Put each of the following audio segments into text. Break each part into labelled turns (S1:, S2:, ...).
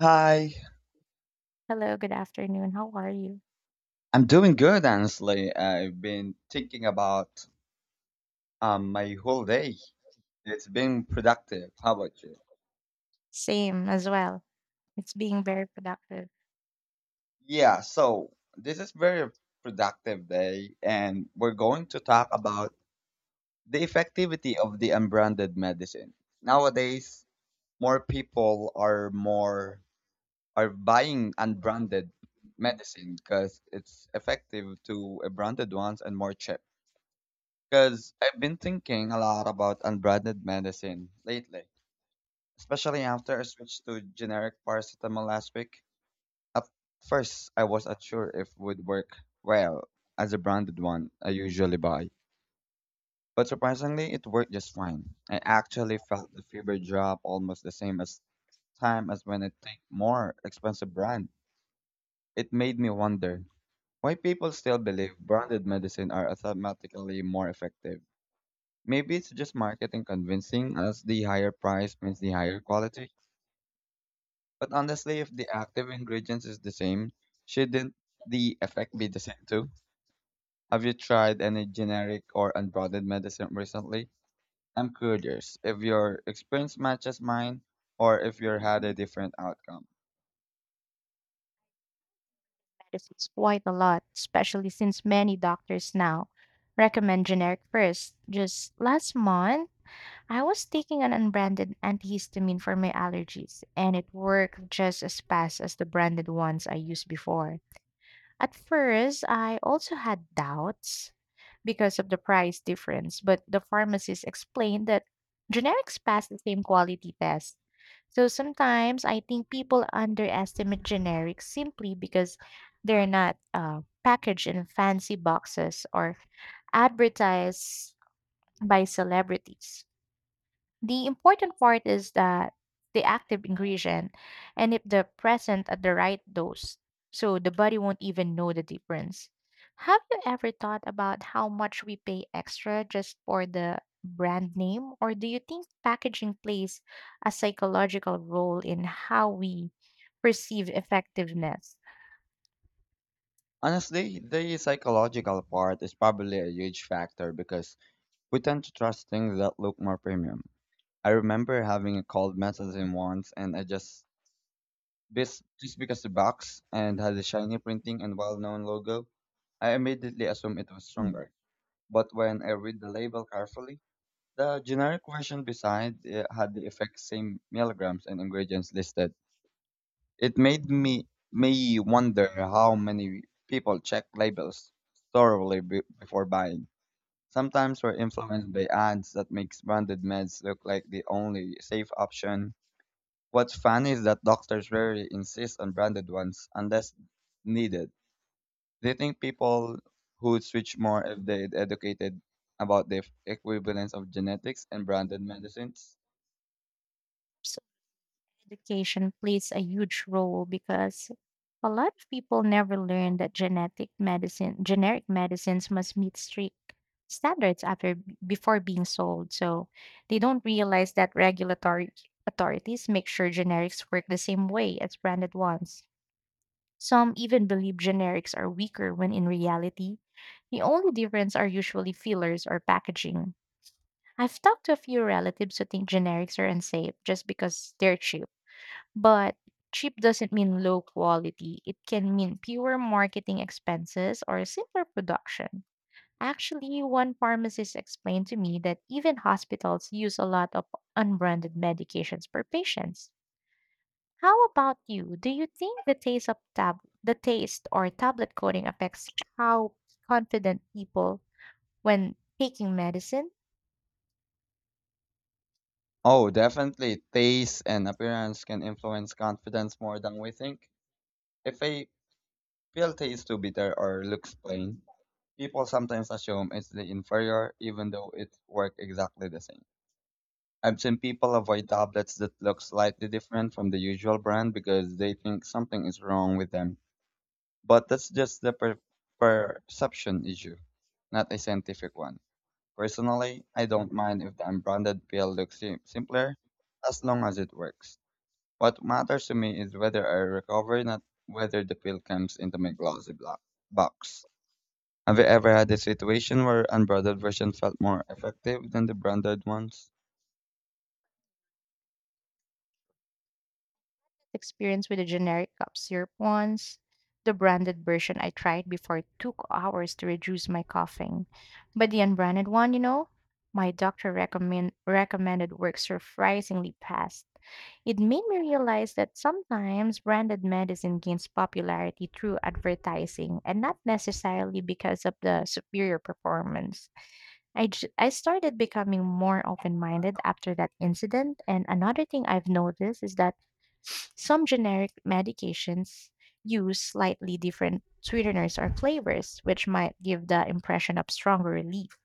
S1: Hi,
S2: Hello, good afternoon. How are you?
S1: I'm doing good, honestly. I've been thinking about my whole day. It's been productive. How about you?
S2: Same as well. It's being very productive.
S1: Yeah, so this is very productive day, and we're going to talk about the effectivity of the unbranded medicine. Nowadays, more people are buying unbranded medicine because it's effective to a branded ones and more cheap. Because I've been thinking a lot about unbranded medicine lately, especially after I switched to generic paracetamol last week. At first, I was not sure if it would work well as a branded one I usually buy. But surprisingly, it worked just fine. I actually felt the fever drop almost the same as time as when I take more expensive brand. It made me wonder why people still believe branded medicine are automatically more effective. Maybe it's just marketing convincing us the higher price means the higher quality. But honestly, if the active ingredients is the same, shouldn't the effect be the same too? Have you tried any generic or unbranded medicine recently? I'm curious if your experience matches mine or if you had a different outcome.
S2: Medicines quite a lot, especially since many doctors now recommend generic first. Just last month, I was taking an unbranded antihistamine for my allergies, and it worked just as fast as the branded ones I used before. At first, I also had doubts because of the price difference, but the pharmacist explained that generics pass the same quality test. So sometimes I think people underestimate generics simply because they're not packaged in fancy boxes or advertised by celebrities. The important part is that the active ingredient and if they're present at the right dose, so the body won't even know the difference. Have you ever thought about how much we pay extra just for the brand name, or do you think packaging plays a psychological role in how we perceive effectiveness?
S1: Honestly, the psychological part is probably a huge factor because we tend to trust things that look more premium. I remember having a cold medicine once and I just This, just because the box and had a shiny printing and well-known logo, I immediately assumed it was
S2: Mm.
S1: stronger. But when I read the label carefully, the generic version beside it had the exact same milligrams and ingredients listed. It made me wonder how many people check labels thoroughly before buying. Sometimes we're influenced by ads that makes branded meds look like the only safe option. What's funny is that doctors rarely insist on branded ones unless needed. They think people would switch more if they educated about the equivalence of genetics and branded medicines.
S2: So education plays a huge role because a lot of people never learn that generic medicines must meet strict standards after before being sold. So they don't realize that regulatory authorities make sure generics work the same way as branded ones. Some even believe generics are weaker when in reality, the only difference are usually fillers or packaging. I've talked to a few relatives who think generics are unsafe just because they're cheap, but cheap doesn't mean low quality. It can mean fewer marketing expenses or simpler production. Actually, one pharmacist explained to me that even hospitals use a lot of unbranded medications per patients. How about you? Do you think the taste of the taste or tablet coating affects how confident people when taking medicine?
S1: Oh, definitely. Taste and appearance can influence confidence more than we think. If a pill tastes too bitter or looks plain, people sometimes assume it's the inferior, even though it works exactly the same. I've seen people avoid tablets that look slightly different from the usual brand because they think something is wrong with them. But that's just the perception issue, not a scientific one. Personally, I don't mind if the unbranded pill looks simpler as long as it works. What matters to me is whether I recover, not whether the pill comes into my glossy box. Have you ever had a situation where unbranded version felt more effective than the branded ones?
S2: Experience with the generic cough syrup once, the branded version I tried before took hours to reduce my coughing. But the unbranded one, you know, my doctor recommended works surprisingly fast. It made me realize that sometimes branded medicine gains popularity through advertising and not necessarily because of the superior performance. I started becoming more open minded after that incident. And another thing I've noticed is that some generic medications use slightly different sweeteners or flavors, which might give the impression of stronger relief.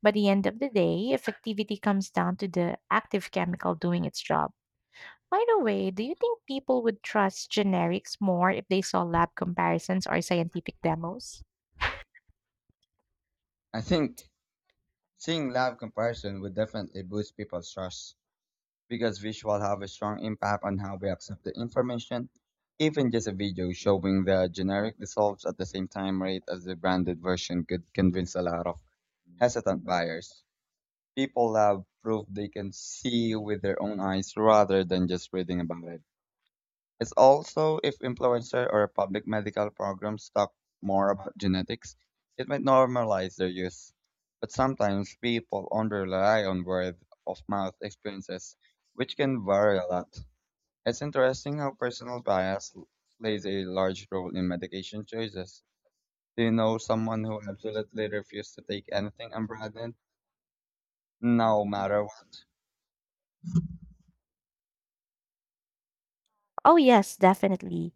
S2: By the end of the day, effectivity comes down to the active chemical doing its job. By the way, do you think people would trust generics more if they saw lab comparisons or scientific demos?
S1: I think seeing live comparison would definitely boost people's trust because visual have a strong impact on how we accept the information. Even just a video showing the generic results at the same time rate as the branded version could convince a lot of hesitant buyers. People have proved they can see with their own eyes rather than just reading about it. It's also if influencer or public medical programs talk more about genetics, it might normalize their use. But sometimes people only rely on word of mouth experiences, which can vary a lot. It's interesting how personal bias plays a large role in medication choices. Do you know someone who absolutely refused to take anything unbranded, no matter what?
S2: Oh, yes, definitely.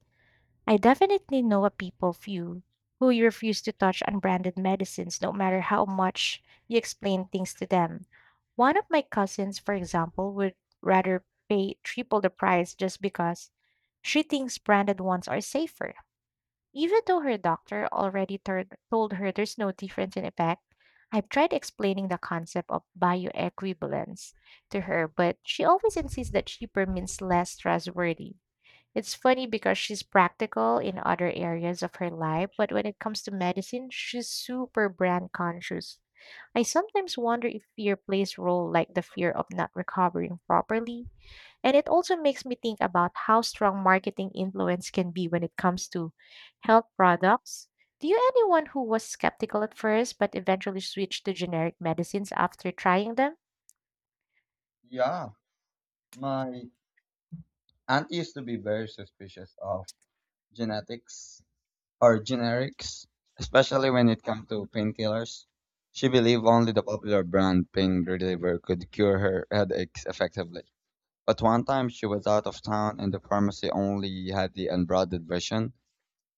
S2: I definitely know a people few who refuse to touch unbranded medicines no matter how much you explain things to them. One of my cousins, for example, would rather pay triple the price just because she thinks branded ones are safer. Even though her doctor already told her there's no difference in effect, I've tried explaining the concept of bioequivalence to her, but she always insists that cheaper means less trustworthy. It's funny because she's practical in other areas of her life, but when it comes to medicine, she's super brand conscious. I sometimes wonder if fear plays a role like the fear of not recovering properly. And it also makes me think about how strong marketing influence can be when it comes to health products. Do you anyone who was skeptical at first but eventually switched to generic medicines after trying them?
S1: Yeah, my aunt used to be very suspicious of genetics or generics, especially when it comes to painkillers. She believed only the popular brand pain reliever could cure her headaches effectively. But one time she was out of town and the pharmacy only had the unbranded version.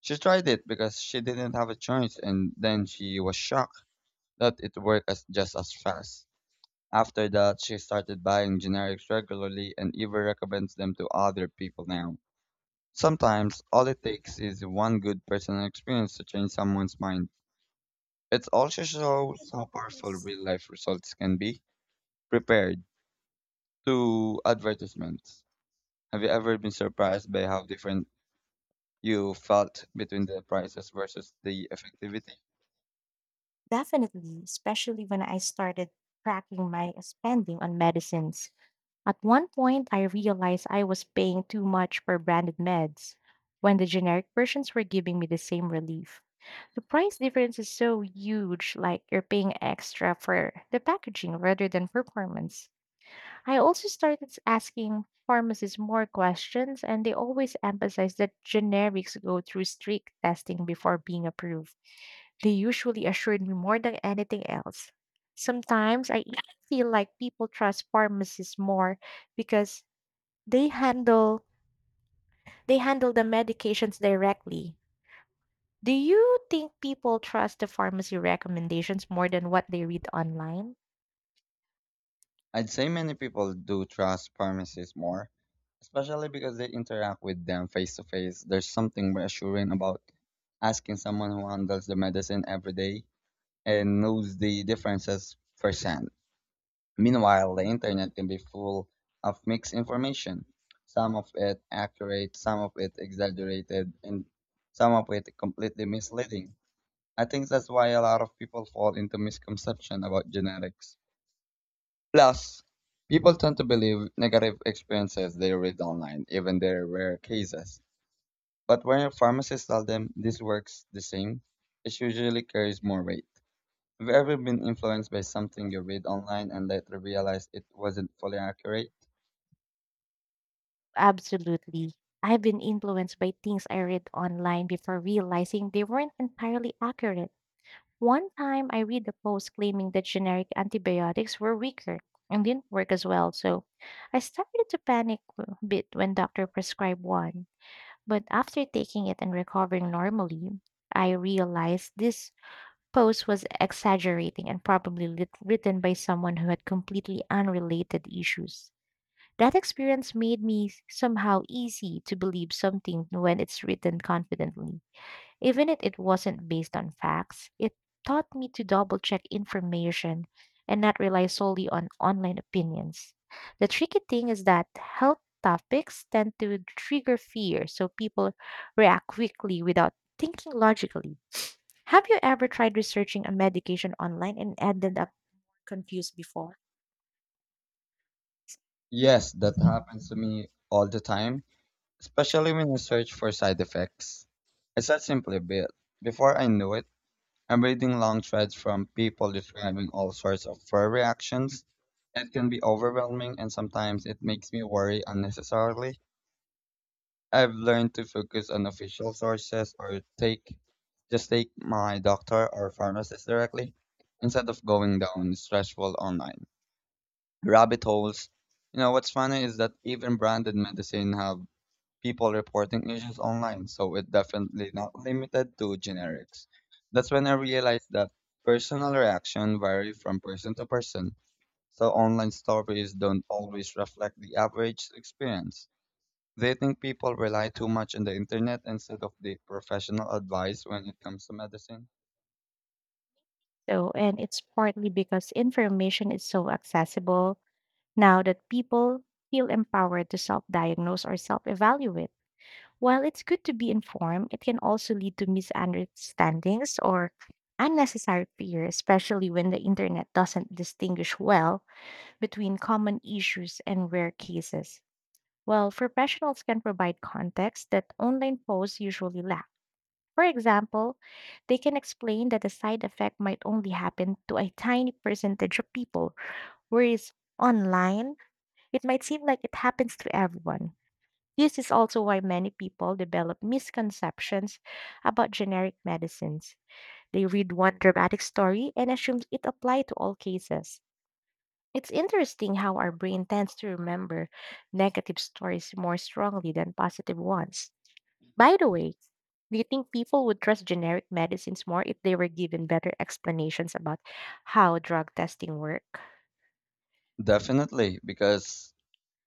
S1: She tried it because she didn't have a choice and then she was shocked that it worked as just as fast. After that, she started buying generics regularly and even recommends them to other people now. Sometimes all it takes is one good personal experience to change someone's mind. It also shows how powerful
S2: Yes.
S1: real life results can be prepared to advertisements. Have you ever been surprised by how different you felt between the prices versus the effectivity?
S2: Definitely, especially when I started tracking my spending on medicines. At one point, I realized I was paying too much for branded meds when the generic versions were giving me the same relief. The price difference is so huge, like you're paying extra for the packaging rather than performance. I also started asking pharmacists more questions, and they always emphasize that generics go through strict testing before being approved. They usually assured me more than anything else. Sometimes I even feel like people trust pharmacists more because they handle they handle the medications directly. Do you think people trust the pharmacy recommendations more than what they read online?
S1: I'd say many people do trust pharmacies more, especially because they interact with them face to face. There's something reassuring about asking someone who handles the medicine every day and knows the differences firsthand. Meanwhile, the internet can be full of mixed information, some of it accurate, some of it exaggerated, and some of it completely misleading. I think that's why a lot of people fall into misconception about genetics. Plus, people tend to believe negative experiences they read online, even there are rare cases. But when a pharmacist tells them this works the same, it usually carries more weight. Have you ever been influenced by something you read online and later realized it wasn't fully accurate?
S2: Absolutely. I've been influenced by things I read online before realizing they weren't entirely accurate. One time I read a post claiming that generic antibiotics were weaker and didn't work as well, so I started to panic a bit when doctor prescribed one. But after taking it and recovering normally, I realized this post was exaggerating and probably written by someone who had completely unrelated issues. That experience made me somehow easy to believe something when it's written confidently. Even if it wasn't based on facts, it taught me to double check information and not rely solely on online opinions. The tricky thing is that health topics tend to trigger fear, so people react quickly without thinking logically. Have you ever tried researching a medication online and ended up confused before?
S1: Yes, that happens to me all the time, especially when I search for side effects. I said simply a bit. Before I knew it, I'm reading long threads from people describing all sorts of fur reactions. It can be overwhelming and sometimes it makes me worry unnecessarily. I've learned to focus on official sources or take just take my doctor or pharmacist directly instead of going down stressful online rabbit holes. You know what's funny is that even branded medicine have people reporting issues online, so it's definitely not limited to generics. That's when I realized that personal reaction vary from person to person, so online stories don't always reflect the average experience. They think people rely too much on the internet instead of the professional advice when it comes to medicine.
S2: So, and it's partly because information is so accessible now that people feel empowered to self diagnose or self evaluate. While it's good to be informed, it can also lead to misunderstandings or unnecessary fear, especially when the internet doesn't distinguish well between common issues and rare cases. Well, professionals can provide context that online posts usually lack. For example, they can explain that the side effect might only happen to a tiny percentage of people, whereas online, it might seem like it happens to everyone. This is also why many people develop misconceptions about generic medicines. They read one dramatic story and assume it applies to all cases. It's interesting how our brain tends to remember negative stories more strongly than positive ones. By the way, do you think people would trust generic medicines more if they were given better explanations about how drug testing work?
S1: Definitely, because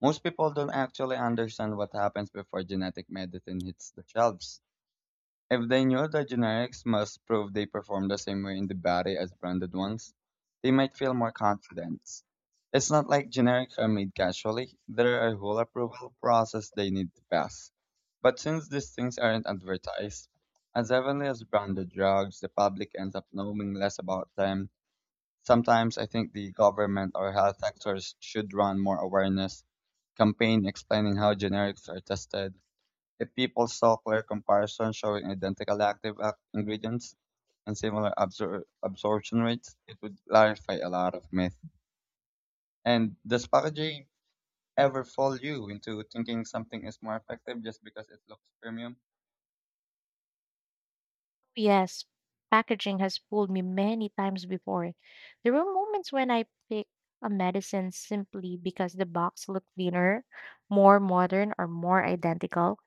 S1: most people don't actually understand what happens before genetic medicine hits the shelves. If they knew the generics must prove they perform the same way in the body as branded ones, they might feel more confident. It's not like generics are made casually, there are a whole approval process they need to pass. But since these things aren't advertised, as heavily as branded drugs, the public ends up knowing less about them. Sometimes I think the government or health sectors should run more awareness campaign explaining how generics are tested. If people saw clear comparisons showing identical active ingredients and similar absorption rates, it would clarify a lot of myth. And does packaging ever fall you into thinking something is more effective just because it looks premium?
S2: Yes, packaging has fooled me many times before. There were moments when I picked a medicine simply because the box looked thinner, more modern, or more identical,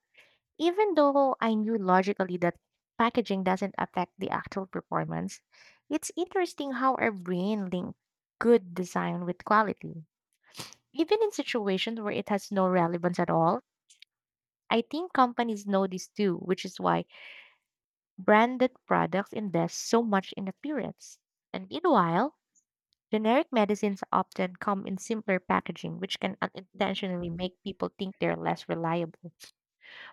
S2: even though I knew logically that packaging doesn't affect the actual performance. It's interesting how our brain links good design with quality. Even in situations where it has no relevance at all, I think companies know this too, which is why branded products invest so much in appearance. And meanwhile, generic medicines often come in simpler packaging, which can unintentionally make people think they're less reliable.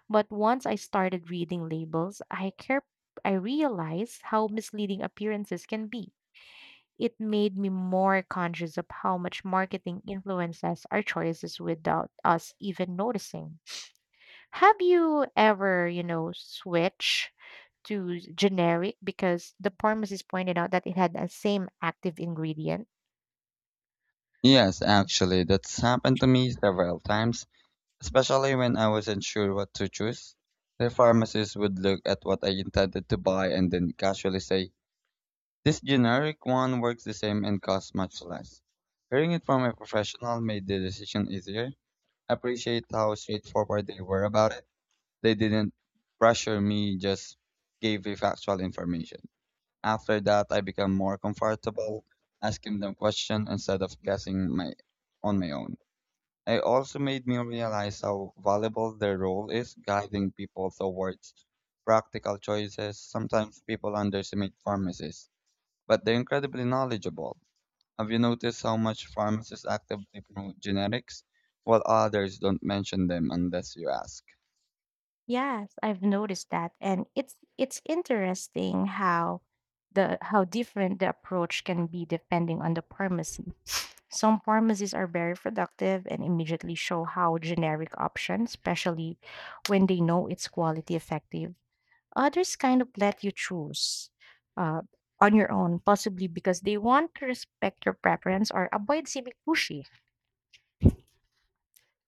S2: But once I started reading labels, I realized how misleading appearances can be. It made me more conscious of how much marketing influences our choices without us even noticing. Have you ever, you know, switch to generic because the pharmacist pointed out that it had the same active ingredient?
S1: Yes, actually, that's happened to me several times especially when I wasn't sure what to choose. The pharmacist would look at what I intended to buy and then casually say, "This generic one works the same and costs much less." Hearing it from a professional made the decision easier. I appreciate how straightforward they were about it. They didn't pressure me, just gave me factual information. After that, I became more comfortable asking them questions instead of guessing my on my own. It also made me realize how valuable their role is guiding people towards practical choices. Sometimes people underestimate pharmacists, but they're incredibly knowledgeable. Have you noticed how much pharmacists actively promote generics, while others don't mention them unless you ask?
S2: Yes, I've noticed that, and it's interesting how the how different the approach can be depending on the pharmacy. Some pharmacies are very productive and immediately show how generic options, especially when they know it's quality effective. Others kind of let you choose uh, on your own, possibly because they want to respect your preference or avoid seeming pushy.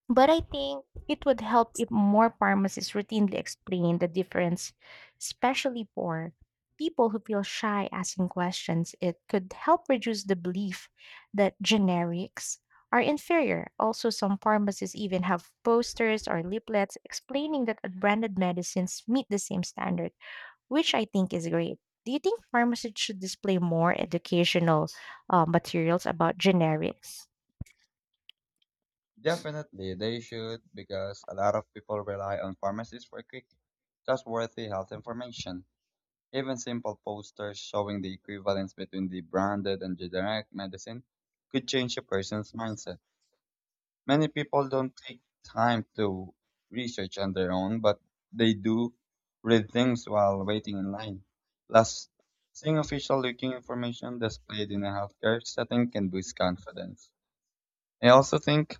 S2: But I think it would help if more pharmacists routinely explain the difference, especially for people who feel shy asking questions. It could help reduce the belief that generics are inferior. Also, some pharmacies even have posters or leaflets explaining that branded medicines meet the same standard, which I think is great. Do you think pharmacists should display more educational materials about generics?
S1: Definitely, they should because a lot of people rely on pharmacists for quick, trustworthy health information. Even simple posters showing the equivalence between the branded and generic medicine could change a person's mindset. Many people don't take time to research on their own, but they do read things while waiting in line. Plus, seeing official looking information displayed in a healthcare setting can boost confidence. I also think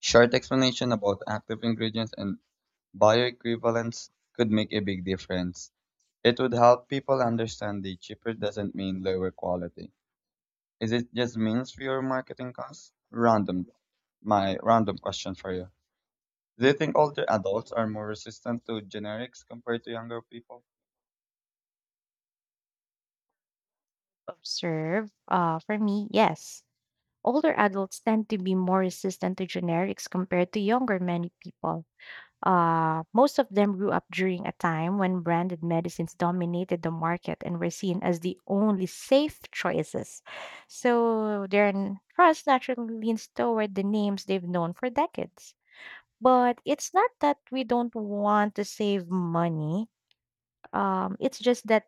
S1: short explanation about active ingredients and bioequivalence could make a big difference. It would help people understand the cheaper doesn't mean lower quality. Is it just means fewer marketing costs? Random. My random question for you. Do you think older adults are more resistant to generics compared to younger people?
S2: Observe. For me, yes. Older adults tend to be more resistant to generics compared to younger many people. Most of them grew up during a time when branded medicines dominated the market and were seen as the only safe choices. So their trust naturally leans toward the names they've known for decades. But it's not that we don't want to save money. It's just that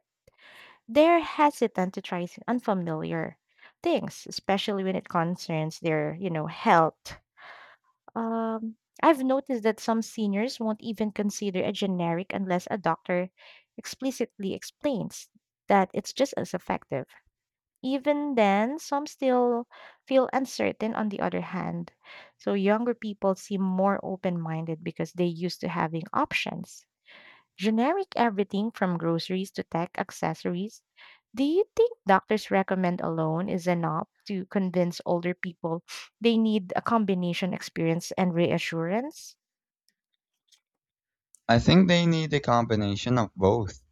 S2: they're hesitant to try unfamiliar things, especially when it concerns their, you know, health. Um, I've noticed that some seniors won't even consider a generic unless a doctor explicitly explains that it's just as effective. Even then, some still feel uncertain on the other hand. So younger people seem more open-minded because they used to having options. Generic everything from groceries to tech accessories. Do you think doctors recommend alone is enough to convince older people they need a combination experience and reassurance?
S1: I think they need a combination of both.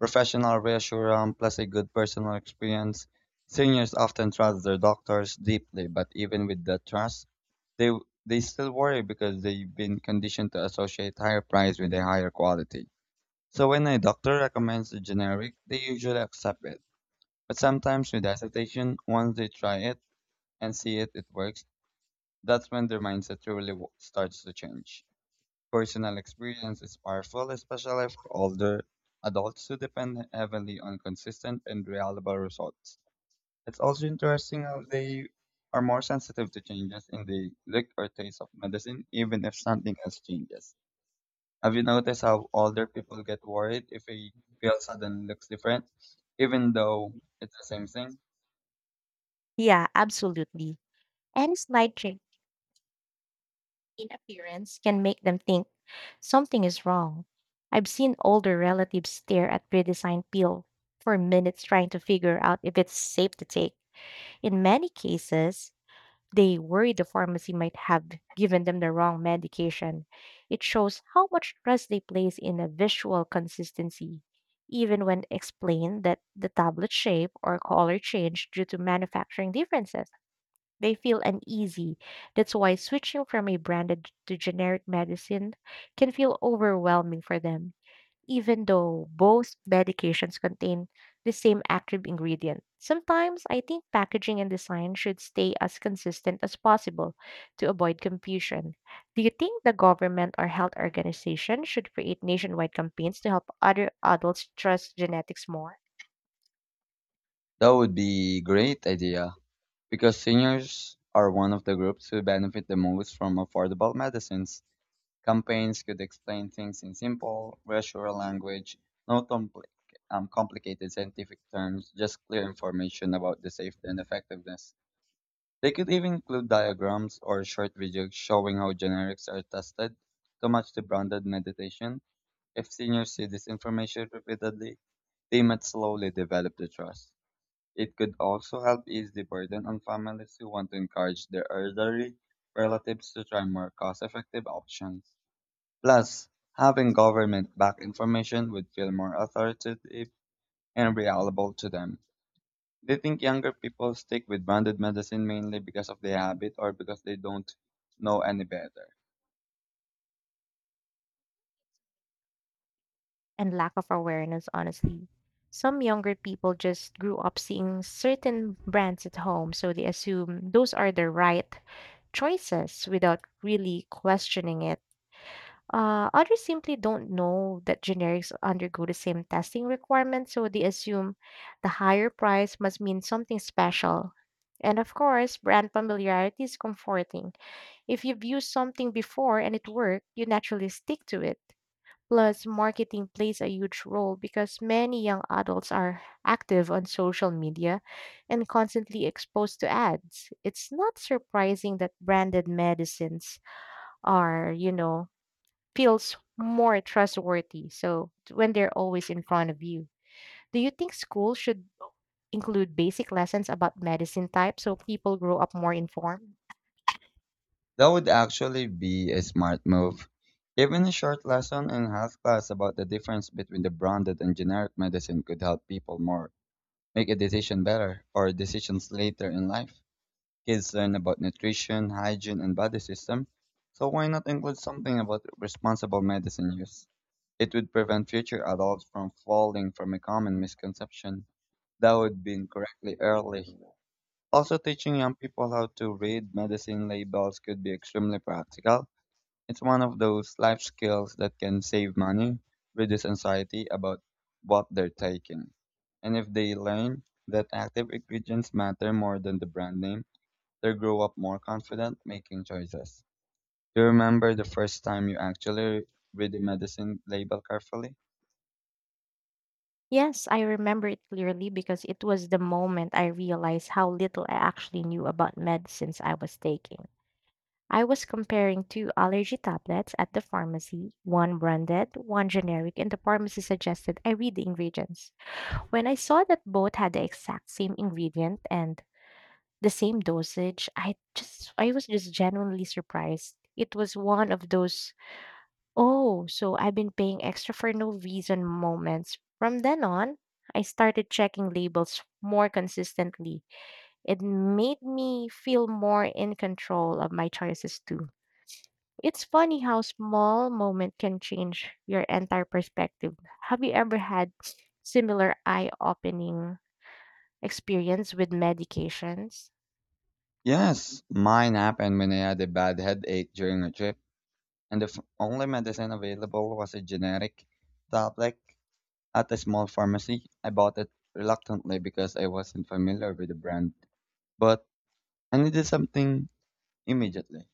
S1: Professional reassurance plus a good personal experience. Seniors often trust their doctors deeply, but even with that trust, they they still worry because they've been conditioned to associate higher price with a higher quality. So when a doctor recommends a generic, they usually accept it. But sometimes with hesitation, once they try it and see it, it works, that's when their mindset truly starts to change. Personal experience is powerful, especially for older adults who depend heavily on consistent and reliable results. It's also interesting how they are more sensitive to changes in the look or taste of medicine, even if something else changes. Have you noticed how older people get worried if a pill suddenly looks different, even though it's the same thing?
S2: Yeah, absolutely. Any slight change in appearance can make them think something is wrong. I've seen older relatives stare at redesigned peel for minutes trying to figure out if it's safe to take. In many cases, they worry the pharmacy might have given them the wrong medication. It shows how much trust they place in a visual consistency, even when explained that the tablet shape or color changed due to manufacturing differences. They feel uneasy. That's why switching from a branded to generic medicine can feel overwhelming for them, even though both medications contain the same active ingredient. Sometimes I think packaging and design should stay as consistent as possible to avoid confusion. Do you think the government or health organization should create nationwide campaigns to help other adults trust genetics more?
S1: That would be great idea because seniors are one of the groups who benefit the most from affordable medicines. Campaigns could explain things in simple, reassuring language, no complicated scientific terms, just clear information about the safety and effectiveness. They could even include diagrams or short videos showing how generics are tested to match the branded medication. If seniors see this information repeatedly, they might slowly develop the trust. It could also help ease the burden on families who want to encourage their elderly relatives to try more cost effective options. Plus, having government backed information would feel more authoritative and reliable to them. Do you think younger people stick with branded medicine mainly because of their habit or because they don't know any better?
S2: And lack of awareness, honestly. Some younger people just grew up seeing certain brands at home, so they assume those are the right choices without really questioning it. Others simply don't know that generics undergo the same testing requirements, so they assume the higher price must mean something special. And of course, brand familiarity is comforting. If you've used something before and it worked, you naturally stick to it. Plus, marketing plays a huge role because many young adults are active on social media and constantly exposed to ads. It's not surprising that branded medicines are, feels more trustworthy. So when they're always in front of you. Do you think schools should include basic lessons about medicine type so people grow up more informed?
S1: That would actually be a smart move. Even a short lesson in health class about the difference between the branded and generic medicine could help people more make a decision better or decisions later in life. Kids learn about nutrition, hygiene, and body system, so why not include something about responsible medicine use? It would prevent future adults from falling from a common misconception that would be incorrectly early. Also, teaching young people how to read medicine labels could be extremely practical. It's one of those life skills that can save money, reduce anxiety about what they're taking. And if they learn that active ingredients matter more than the brand name, they grow up more confident making choices. Do you remember the first time you actually read the medicine label carefully?
S2: Yes, I remember it clearly because it was the moment I realized how little I actually knew about medicines I was taking. I was comparing two allergy tablets at the pharmacy, one branded, one generic, and the pharmacy suggested I read the ingredients. When I saw that both had the exact same ingredient and the same dosage, I was just genuinely surprised. It was one of those, "Oh, so I've been paying extra for no reason" moments. From then on, I started checking labels more consistently. It made me feel more in control of my choices too. It's funny how small moment can change your entire perspective. Have you ever had similar eye-opening experience with medications?
S1: Yes, mine happened when I had a bad headache during a trip, and the only medicine available was a generic tablet at a small pharmacy. I bought it reluctantly because I wasn't familiar with the brand, but I needed something immediately.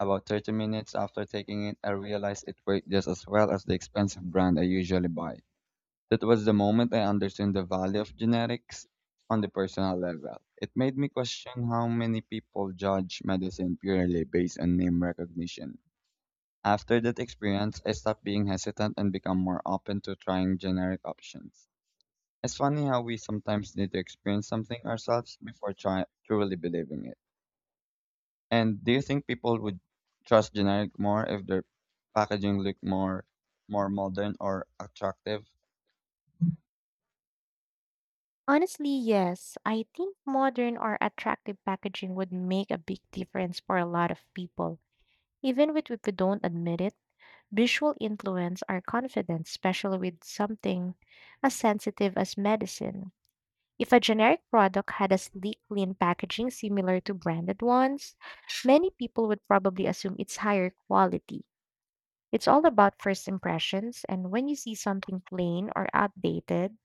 S1: About 30 minutes after taking it, I realized it worked just as well as the expensive brand I usually buy. That was the moment I understood the value of genetics on the personal level. It made me question how many people judge medicine purely based on name recognition. After that experience, I stopped being hesitant and become more open to trying generic options. It's funny how we sometimes need to experience something ourselves before truly believing it. And do you think people would trust generic more if their packaging looked more modern or attractive?
S2: Honestly, yes. I think modern or attractive packaging would make a big difference for a lot of people. Even with if we don't admit it, visual influence our confidence, especially with something as sensitive as medicine. If a generic product had a sleek, clean packaging similar to branded ones, many people would probably assume it's higher quality. It's all about first impressions, and when you see something plain or outdated,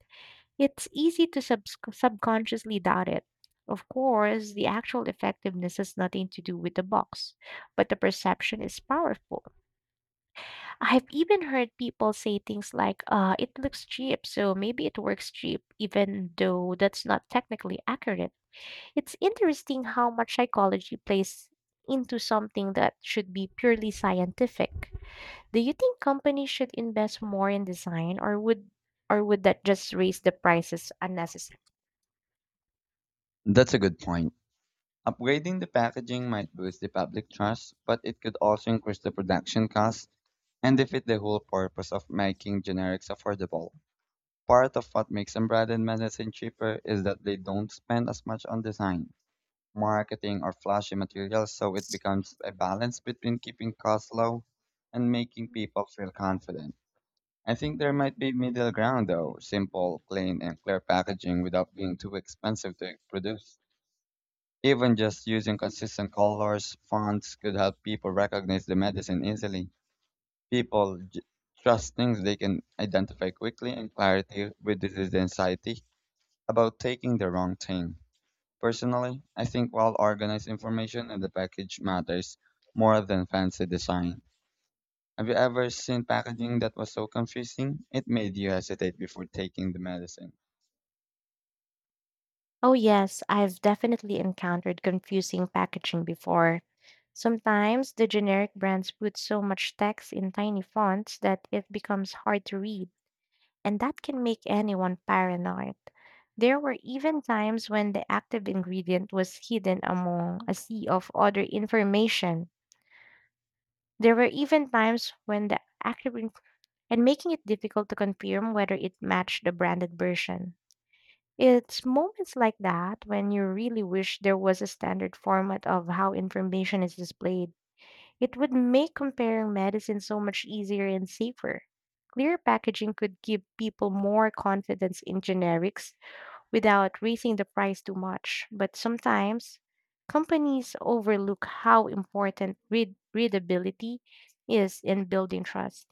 S2: it's easy to subconsciously doubt it. Of course, the actual effectiveness has nothing to do with the box, but the perception is powerful. I've even heard people say things like, "It looks cheap, so maybe it works cheap," even though that's not technically accurate. It's interesting how much psychology plays into something that should be purely scientific. Do you think companies should invest more in design, or would that just raise the prices unnecessarily?
S1: That's a good point. Upgrading the packaging might boost the public trust, but it could also increase the production costs and defeat the whole purpose of making generics affordable. Part of what makes unbranded medicine cheaper is that they don't spend as much on design, marketing, or flashy materials, so it becomes a balance between keeping costs low and making people feel confident. I think there might be middle ground though, simple, plain, and clear packaging without being too expensive to produce. Even just using consistent colors, fonts could help people recognize the medicine easily. People trust things they can identify quickly, and clarity reduces the anxiety about taking the wrong thing. Personally, I think well organized information in the package matters more than fancy design. Have you ever seen packaging that was so confusing? It made you hesitate before taking the medicine.
S2: Oh, yes, I've definitely encountered confusing packaging before. Sometimes the generic brands put so much text in tiny fonts that it becomes hard to read, and that can make anyone paranoid. There were even times when the active ingredient was hidden among a sea of other information. There were even times when the active ing- And making it difficult to confirm whether it matched the branded version. It's moments like that when you really wish there was a standard format of how information is displayed. It would make comparing medicine so much easier and safer. Clear packaging could give people more confidence in generics, without raising the price too much. But sometimes companies overlook how important readability is in building trust.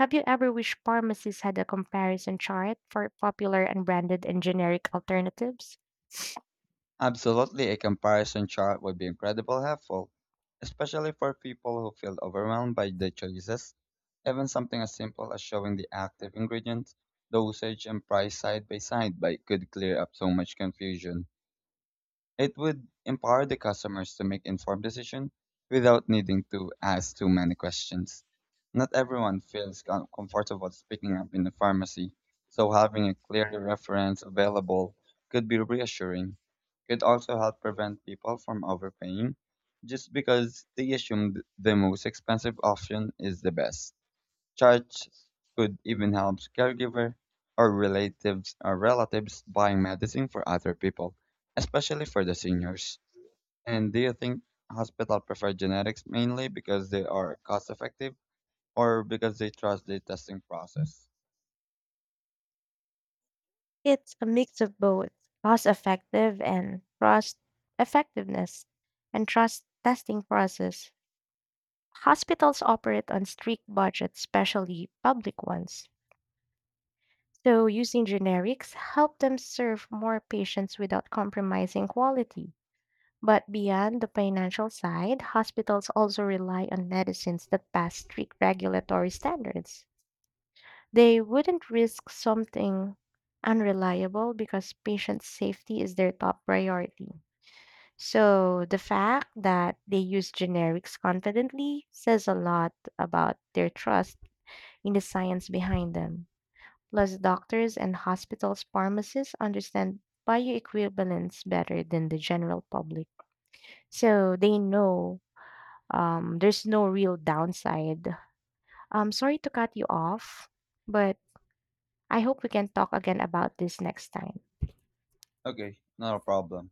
S2: Have you ever wished pharmacies had a comparison chart for popular and branded and generic alternatives?
S1: Absolutely, a comparison chart would be incredibly helpful, especially for people who feel overwhelmed by the choices. Even something as simple as showing the active ingredients, dosage, and price side by side by could clear up so much confusion. It would empower the customers to make informed decisions without needing to ask too many questions. Not everyone feels comfortable speaking up in the pharmacy, so having a clear reference available could be reassuring. It also help prevent people from overpaying just because they assume the most expensive option is the best. Churches could even help caregiver or relatives buying medicine for other people, especially for the seniors. And do you think hospitals prefer genetics mainly because they are cost effective or because they trust the testing process?
S2: It's a mix of both cost effective and trust effectiveness and trust testing process. Hospitals operate on strict budgets, especially public ones. So, using generics help them serve more patients without compromising quality. But beyond the financial side, hospitals also rely on medicines that pass strict regulatory standards. They wouldn't risk something unreliable because patient safety is their top priority. So, the fact that they use generics confidently says a lot about their trust in the science behind them. Plus, doctors and hospitals' pharmacists understand bioequivalence better than the general public. So they know there's no real downside. I'm sorry to cut you off, but I hope we can talk again about this next time.
S1: Okay, not a problem.